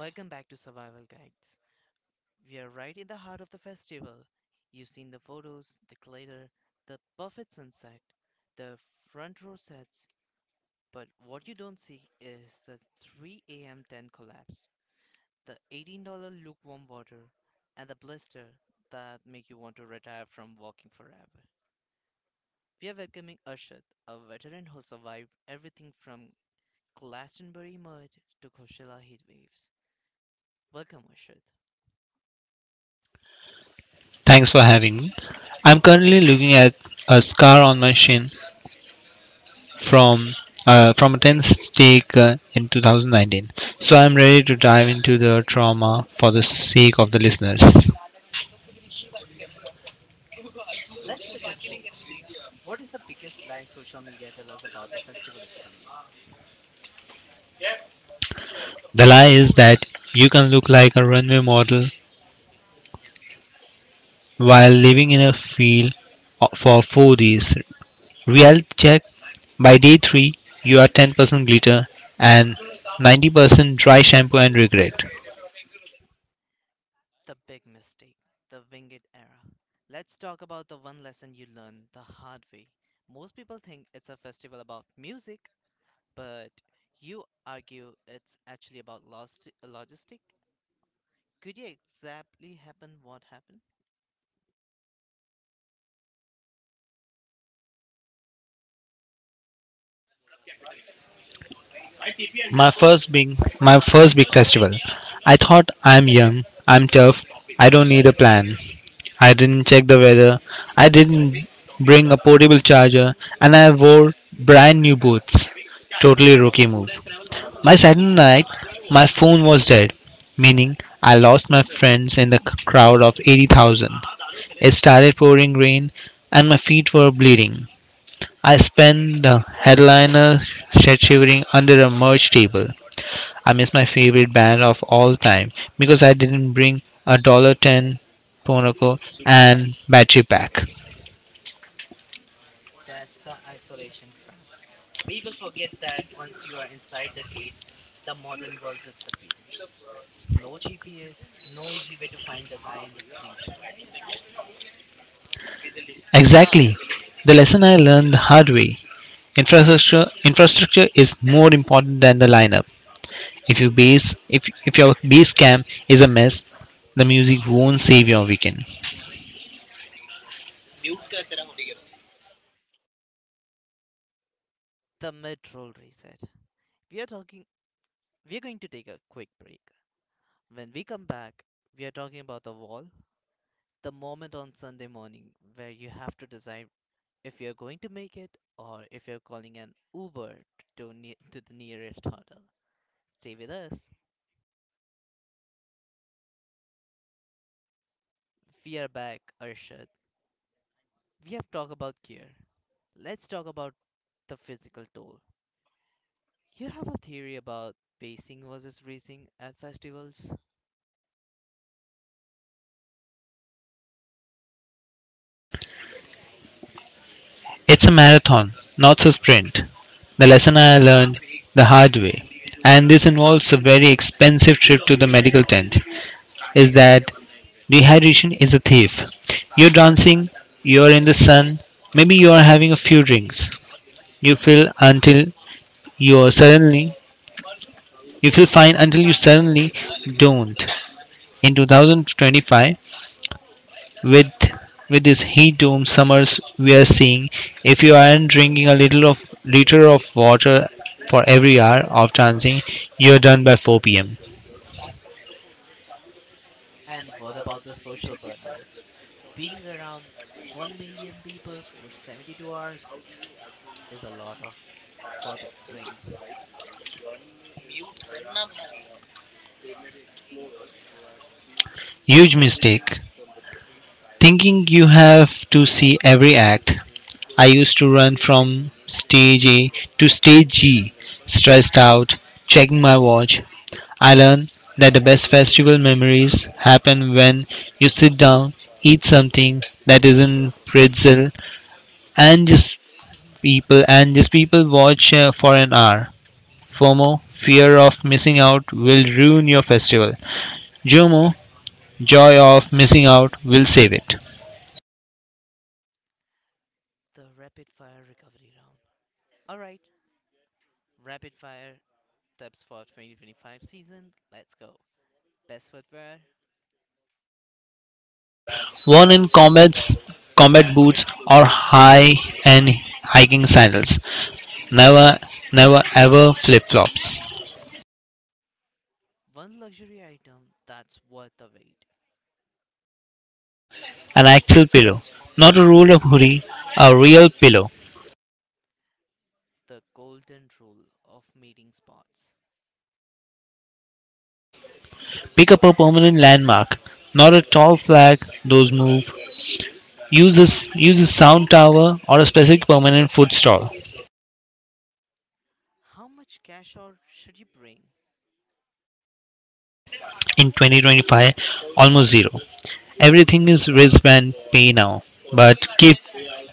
Welcome back to Survival Guides. We are right in the heart of the festival. You've seen the photos, the glitter, the perfect sunset, the front row sets, but what you don't see is the 3 a.m. tent collapse, the $18 lukewarm water, and the blister that make you want to retire from walking forever. We are welcoming Arshad, a veteran who survived everything from Glastonbury mud to Coachella heatwaves. Welcome, Arshad. Thanks for having me. I'm currently looking at a scar on my shin from from a tennis stake in 2019. So I'm ready to dive into the trauma for the sake of the listeners. Let's set the stage. What is the biggest lie social media tell us about the festival experience? The lie is that you can look like a runway model while living in a field for four days. Reality check: by day three, you are 10% glitter and 90% dry shampoo and regret. The big mistake, the winged era. Let's talk about the one lesson you learn the hard way. Most people think it's a festival about music, but you argue it's actually about lost logistic. Could you exactly happen what happened? My first big festival. I thought I'm young, I'm tough, I don't need a plan. I didn't check the weather, I didn't bring a portable charger, and I wore brand new boots. Totally rookie move. My Saturday night, my phone was dead, meaning I lost my friends in the crowd of 80,000. It started pouring rain and my feet were bleeding. I spent the headliner shed shivering under a merch table. I miss my favorite band of all time because I didn't bring a dollar ten Ponoko and battery pack. That's the isolation trap. People forget that once you are inside the gate, the modern world disappears. No GPS, no easy way to find the guy in the blue shirt. Exactly. The lesson I learned the hard way. Infrastructure is more important than the lineup. If your base camp is a mess, the music won't save your weekend. The mid-roll reset. We are talking we are going to take a quick break. When we come back, we are talking about the wall, the moment on Sunday morning where you have to decide if you're going to make it or if you're calling an Uber to the nearest hotel. Stay with us. We are back, Arshad. We have talked about gear. Let's talk about the physical toll. You have a theory about pacing versus racing at festivals? It's a marathon, not a sprint. The lesson I learned the hard way. And this involves a very expensive trip to the medical tent. Is that dehydration is a thief. You're dancing, you're in the sun, maybe you're having a few drinks. You feel until you're suddenly you feel fine until you suddenly don't. In 2025, with with this heat dome summers we are seeing, if you aren't drinking a little of liter of water for every hour of dancing, you're done by 4 p.m. And what about the social burnout? Being around 1 million people for 72 hours is a lot of for the brain. Huge mistake. Thinking you have to see every act, I used to run from stage A to stage G, stressed out, checking my watch. I learned that the best festival memories happen when you sit down, eat something that isn't pretzel, and just and just people watch for an hour. FOMO, fear of missing out, will ruin your festival. JOMO, joy of missing out, will save it. The rapid fire recovery round. All right, rapid fire tips for 2025 season. Let's go. Best footwear. Worn in combat, combat boots or high and hiking sandals. Never, never ever flip flops. One luxury item that's worth the wait. An actual pillow, not a roll of hoodie, a real pillow. The golden rule of meeting spots. Pick up a permanent landmark, not a tall flag, those move. Use a Use a sound tower or a specific permanent food stall. How much cash or should you bring? In 2025, almost zero. Everything is wristband pay now, but keep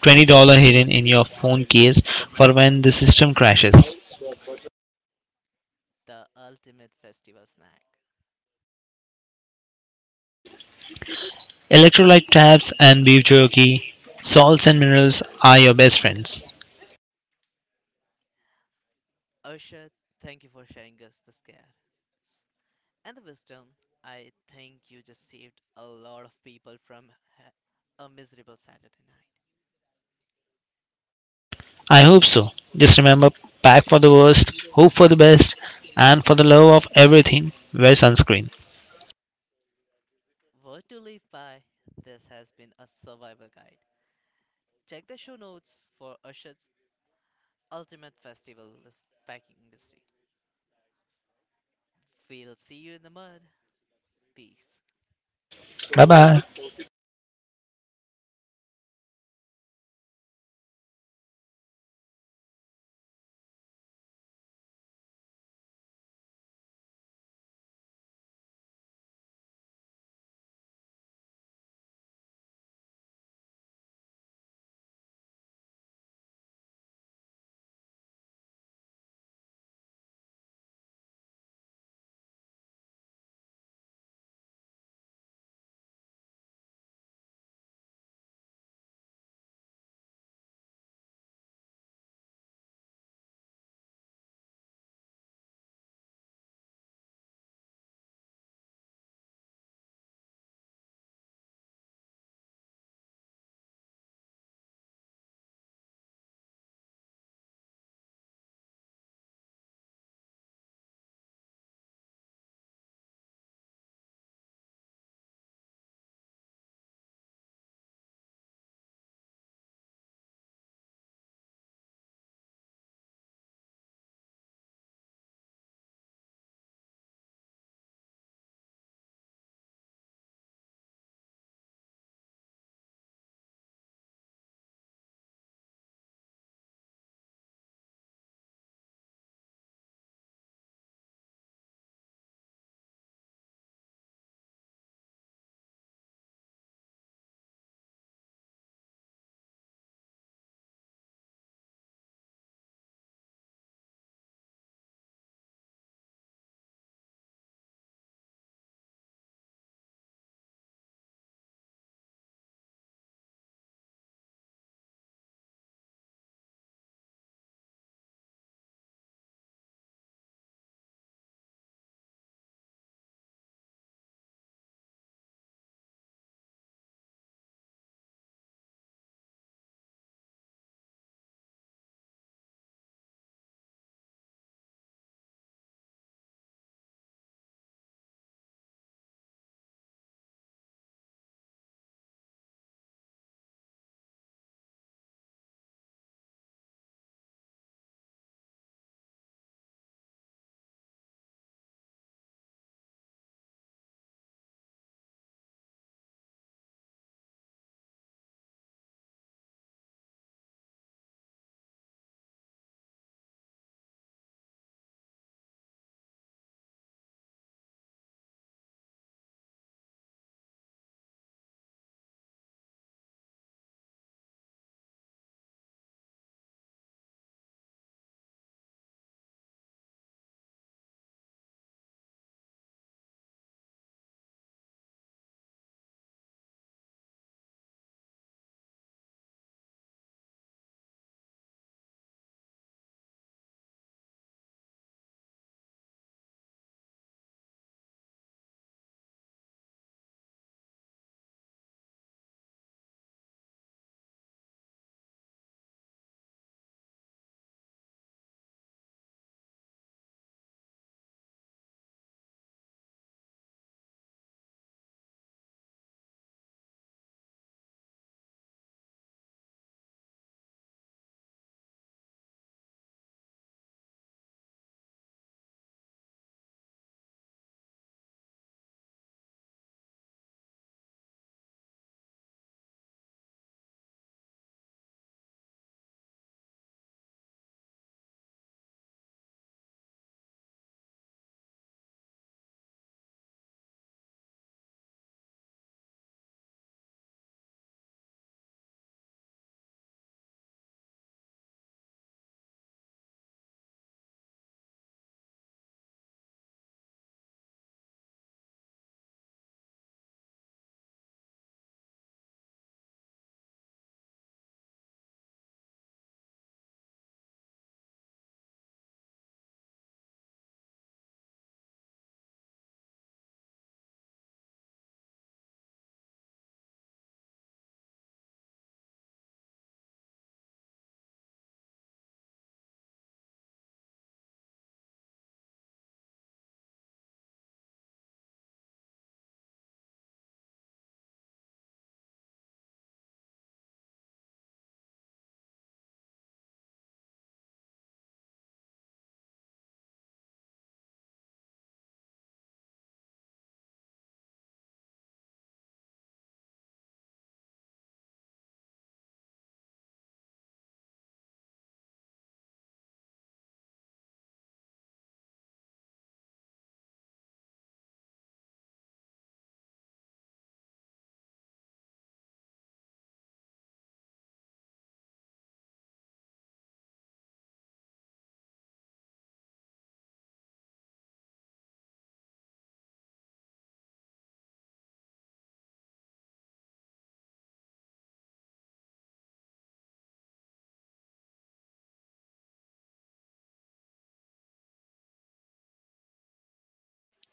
$20 hidden in your phone case for when the system crashes. The ultimate festival snack. Electrolyte tabs and beef jerky, salts and minerals are your best friends. Ursha, thank you for sharing us the scare and the wisdom. I think you just saved a lot of people from ha- a miserable Saturday night. I hope so. Just remember pack for the worst, hope for the best, and for the love of everything, wear sunscreen. What to live by? This has been a survival guide. Check the show notes for Usher's ultimate festival is packing industry. We'll see you in the mud. Peace. Bye bye.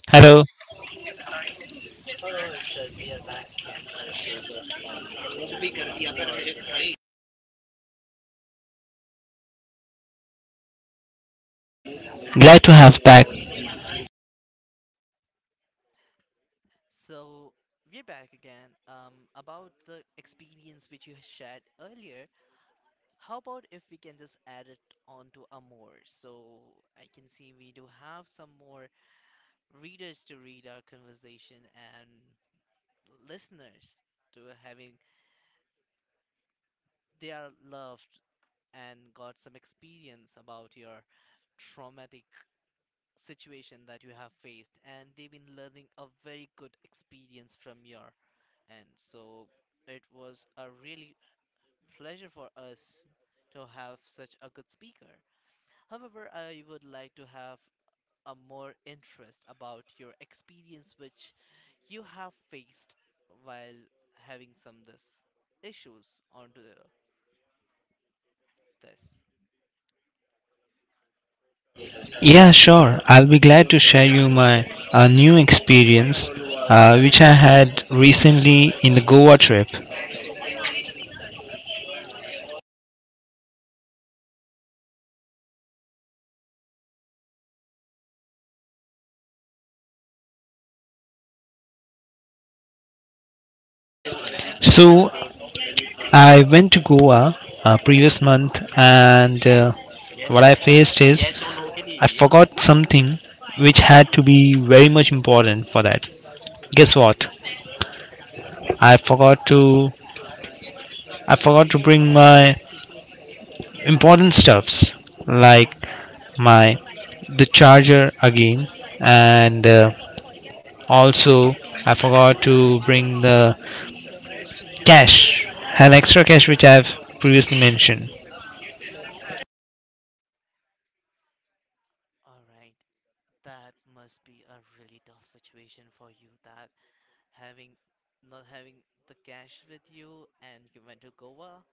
Hello. Hello, Arshad. We are back again. Glad to have back. So, we're back again. About the experience which you shared earlier, how about if we can just add it onto a more? So, I can see we do have some more readers to read our conversation and listeners to having they are loved and got some experience about your traumatic situation that you have faced and they've been learning a very good experience from your end. So it was a really pleasure for us to have such a good speaker. However, I would like to have a more interest about your experience which you have faced while having some this issues onto the, this. Yeah, sure. I'll be glad to share you my new experience, which I had recently in the Goa trip. So I went to Goa previous month, and what I faced is I forgot something which had to be very much important for that. Guess what? I forgot to I forgot to bring my important stuffs like my the charger again and also I forgot to bring the cash an extra cash which I've previously mentioned. All right, that must be a really tough situation for you. That Having Not having the cash with you and you went to Goa,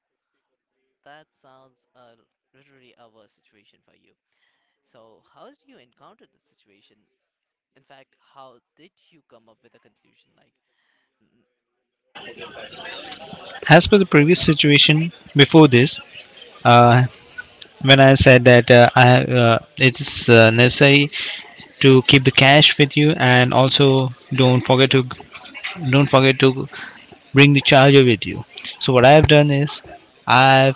that sounds literally a worse situation for you. So, how did you encounter this situation? In fact, how did you come up with a conclusion? Like, "Mm, As per the previous situation before this, uh, when I said that I it is necessary to keep the cash with you and also don't forget to don't forget to bring the charger with you. So what I have done is i've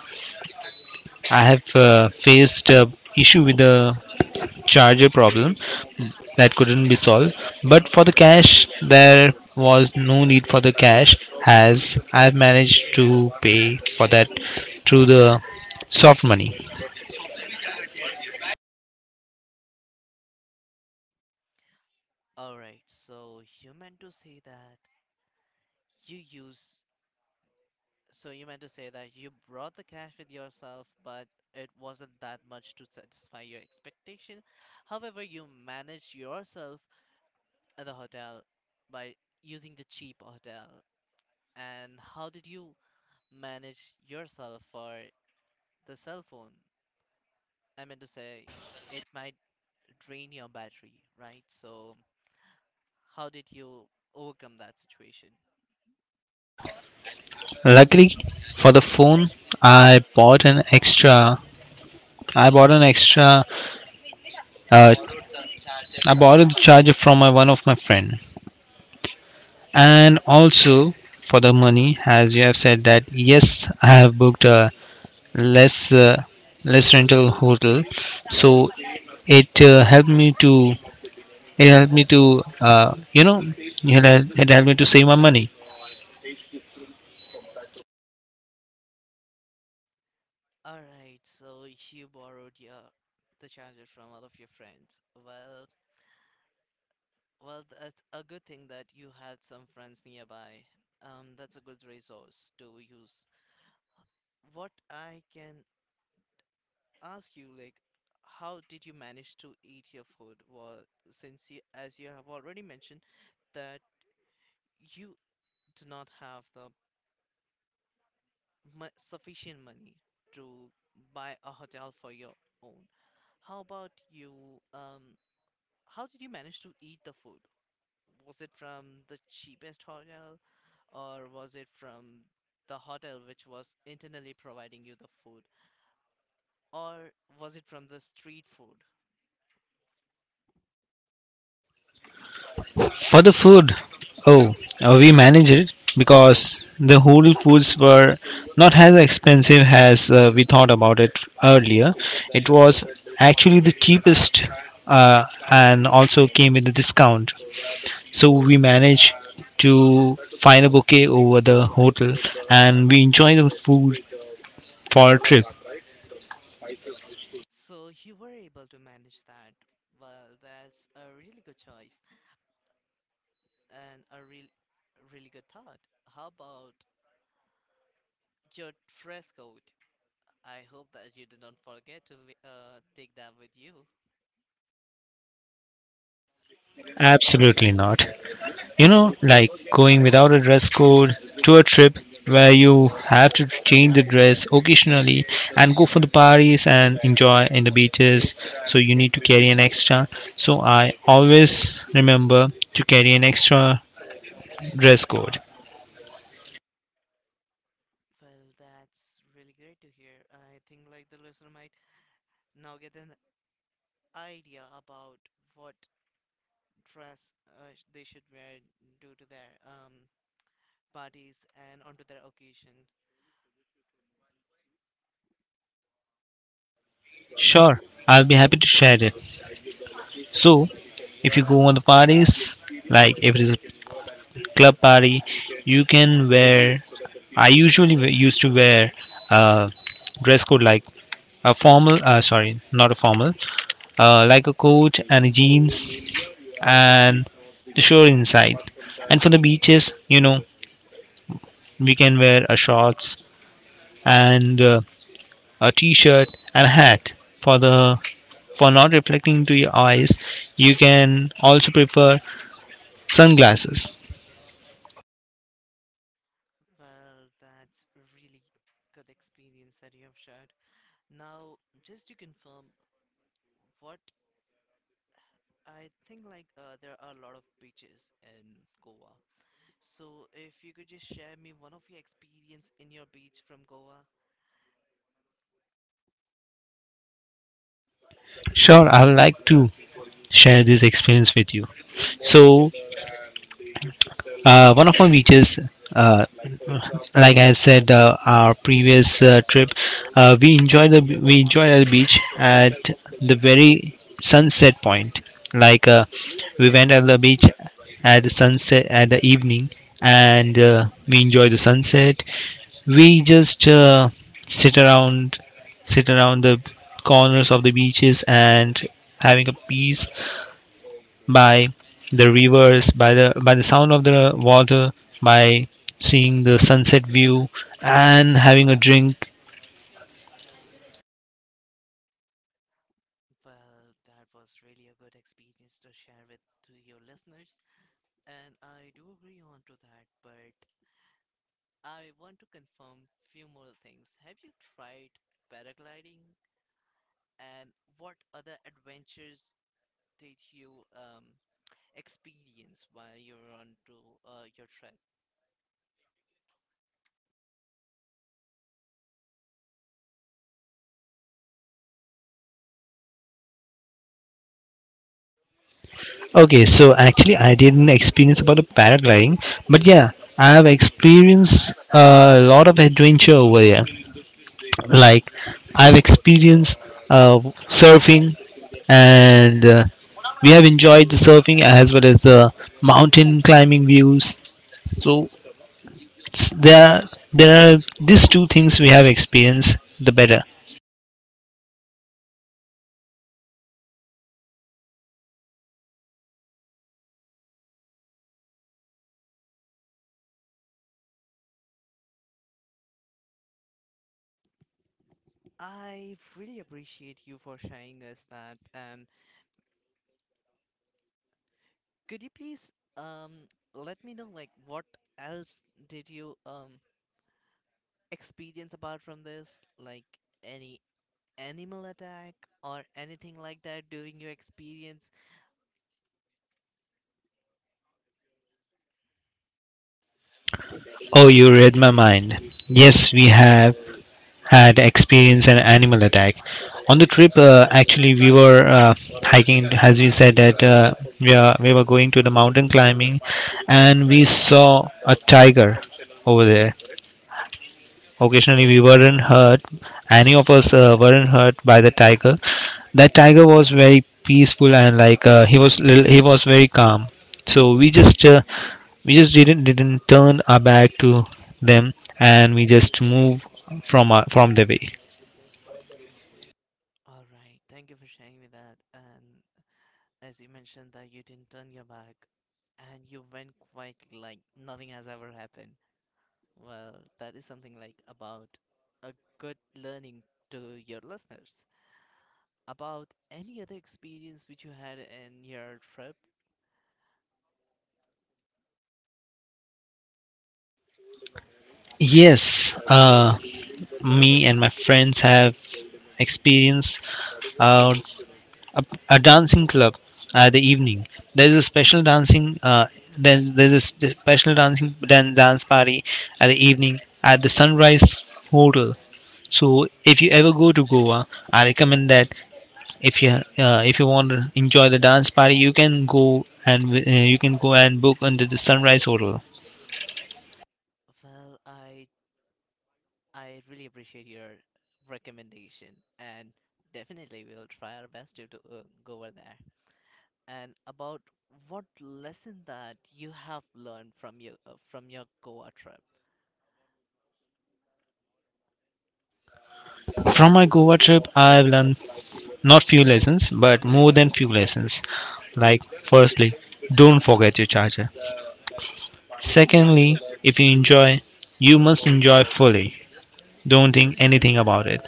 I have faced a issue with the charger problem that couldn't be solved, but for the cash there was no need for the cash as I've managed to pay for that through the soft money. all right, so you meant to say that you use. So you meant to say that you brought the cash with yourself, but it wasn't that much to satisfy your expectation. However, you managed yourself at the hotel by using the cheap hotel? And how did you manage yourself for the cell phone? I meant to say, it might drain your battery, right? So, how did you overcome that situation? Luckily for the phone, i bought an extra I bought an extra uh, I borrowed the charger from my one of my friend. And also for the money, as you have said that yes, I have booked a less less rental hotel, so it helped me to it helped me to you know it helped me to save my money. All right, so you borrowed your the charger from all of your friends. Well, that's a good thing that you had some friends nearby. That's a good resource to use. What I can ask you, like, how did you manage to eat your food? Well, as you have already mentioned, that you do not have the sufficient money to buy a hotel for your own. How about you? Um, how did you manage to eat the food? Was it from the cheapest hotel, or was it from the hotel which was internally providing you the food, or was it from the street food? For the food, oh, we managed it because the whole foods were not as expensive as we thought about it earlier. It was actually the cheapest uh, and also came with a discount. So we managed to find a bouquet over the hotel and we enjoyed the food for our trip. So you were able to manage that. Well, that's a really good choice and really good thought. How about your dress code? I hope that you did not forget to take that with you. Absolutely not. You know, like going without a dress code to a trip where you have to change the dress occasionally and go for the parties and enjoy in the beaches. So you need to carry an extra. So I always remember to carry an extra dress code. Well, that's really great to hear. I think like the listener might now get an idea about what dress they should wear due to their parties and onto their occasion. Sure, I'll be happy to share it. So if you go on the parties, like if it is a club party, you can wear used to wear a dress code like a formal sorry not a formal like a coat and a jeans and the shore inside. And for the beaches, you know, we can wear a shorts and a t-shirt and a hat for the for not reflecting to your eyes. You can also prefer sunglasses. Well, that's really good experience that you have shared. Now, just to confirm, what I think like there are a lot of beaches in Goa. So if you could just share me one of your experience in your beach from Goa. Sure, I would like to share this experience with you. So one of my beaches, uh, like I have said, our previous trip, we enjoy the beach at the very sunset point. Like we went at the beach at the sunset at the evening, and we enjoy the sunset. We just sit around, sit around the corners of the beaches and having a peace by the rivers, by the sound of the water, by seeing the sunset view and having a drink. Well, that was really a good experience to share with to your listeners, and I do agree on to that, but I want to confirm few more things. Have you tried paragliding, and what other adventures did you experience while you're on to your trip. Okay, so actually I didn't experience about the paragliding, but yeah, I have experienced a lot of adventure over here. Like I've experienced uh, surfing, and we have enjoyed the surfing as well as the mountain climbing views. So s- there are, there are these two things we have experienced the better. I really appreciate you for sharing us that. And could you please let me know like what else did you experience apart from this? Like any animal attack or anything like that during your experience? Oh, you read my mind. Yes, we have had experienced an animal attack on the trip. Actually we were hiking, as you said that we were going to the mountain climbing and we saw a tiger over there. Occasionally, we weren't hurt. Any of us weren't hurt by the tiger. That tiger was very peaceful, and like he was very calm. So we just didn't turn our back to them and we just move from the way. All right, thank you for sharing me that. And as you mentioned that you didn't turn your back and you went quite like nothing has ever happened. Well, that is something like about a good learning to your listeners. About any other experience which you had in your trip? Yes, me and my friends have experienced uh, a, a dancing club the evening. there's a special dancing uh, there's a spe- special dancing dan- dance party at the evening at the sunrise hotel. So if you ever go to Goa, I recommend that if you if you want to enjoy the dance party, you can go and you can go and book under the sunrise hotel. Well, I really appreciate your recommendation and definitely we'll try our best to, go over there. And about what lesson that you have learned from your Goa trip. From my Goa trip, I've learned not few lessons but more than few lessons. Like firstly, don't forget your charger. Secondly, if you enjoy, you must enjoy fully. Don't think anything about it.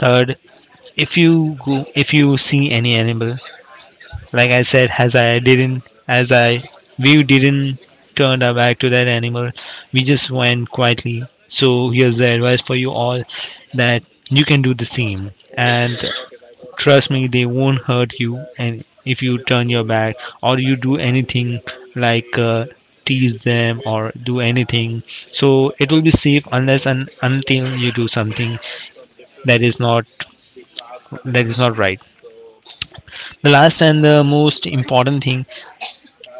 Third, if you go, if you see any animal, like I said, as I didn't, as I, we didn't turn our back to that animal. We just went quietly. So here's the advice for you all that you can do the same. And trust me, they won't hurt you. And if you turn your back or you do anything like tease them or do anything, so it will be safe unless and until you do something that is not that is not right. The last and the most important thing,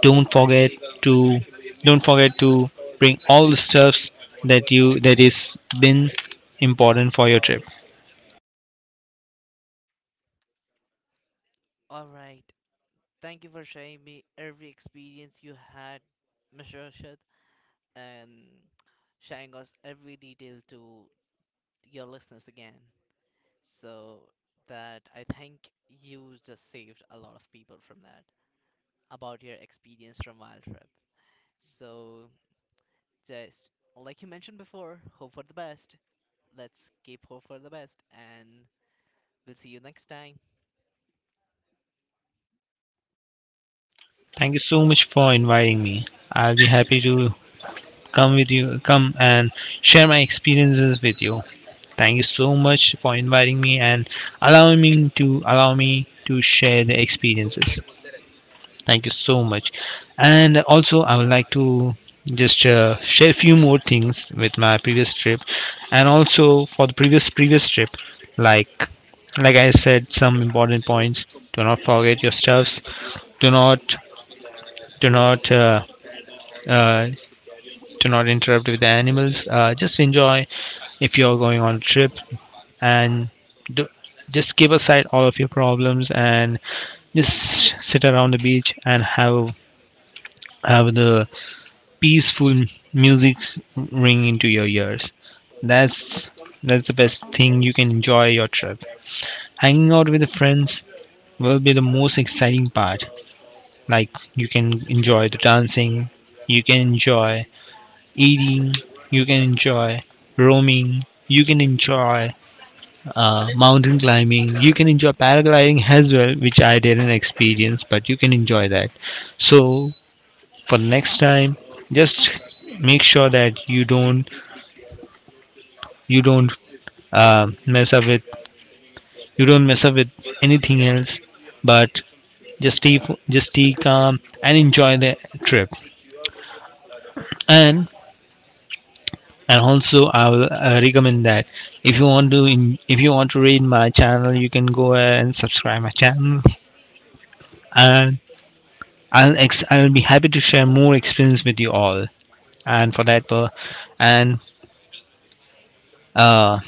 Don't forget to don't forget to bring all the stuffs that you that is been important for your trip. All right. Thank you for sharing me every experience you had, Mr. Rashid. And sharing us every detail to your listeners again. So that I think you just saved a lot of people from that about your experience from Wild Trip. So just like you mentioned before, hope for the best. Let's keep hope for the best, and we'll see you next time. Thank you so much for inviting me. I'll be happy to come with you come and share my experiences with you. Thank you so much for inviting me and allow me to share the experiences. Thank you so much. And also, I would like to just share a few more things with my previous trip, and also for the previous trip, like like I said, some important points. Do not forget your stuffs. Do not do not uh, do not interrupt with the animals. Just enjoy if you're going on a trip, and do, just keep aside all of your problems and just sit around the beach and have the peaceful music ring into your ears. That's that's the best thing you can enjoy your trip. Hanging out with the friends will be the most exciting part. Like you can enjoy the dancing, you can enjoy eating, you can enjoy roaming, you can enjoy mountain climbing, you can enjoy paragliding as well, which I didn't experience, but you can enjoy that. So for next time, just make sure that you don't mess up with you don't mess up with anything else, but just just stay calm and enjoy the trip. and and also I will recommend that if you want to in, if you want to read my channel, you can go ahead and subscribe my channel. And I'll be happy to share more experience with you all. And for that and uh,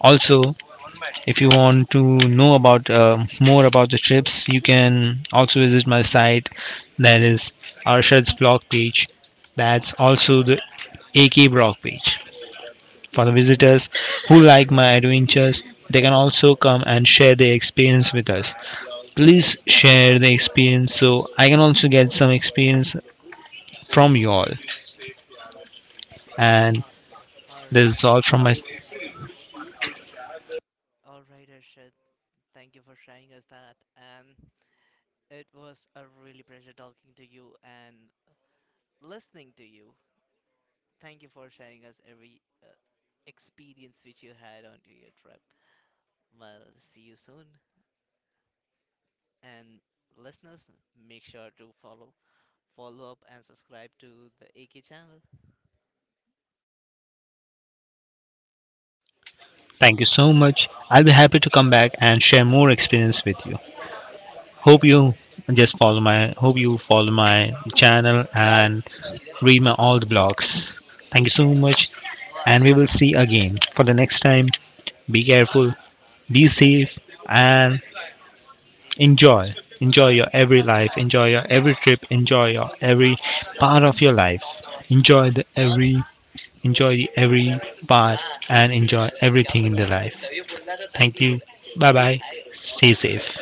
also if you want to know about more about the trips, you can also visit my site, that is Arshad's blog page. That's also the AK blog page. For the visitors who like my adventures, they can also come and share their experience with us. Please share the experience so I can also get some experience from you all. And Uh, all this is right, all from my. all right, Arshad. Thank you for sharing us that, and it was a really pleasure talking to you and listening to you. Thank you for sharing us every experience which you had onto your trip. Well, see you soon. And listeners, make sure to follow, follow up, and subscribe to the AK channel. Thank you so much. I'll be happy to come back and share more experience with you. Hope you just follow my hope you follow my channel and read my all the blogs. Thank you so much and we will see again for the next time. Be careful, be safe and enjoy. Enjoy your every life, enjoy your every trip, enjoy your every part of your life. Enjoy the every Enjoy the every part and enjoy everything in the life. Thank you. Bye bye. Stay safe.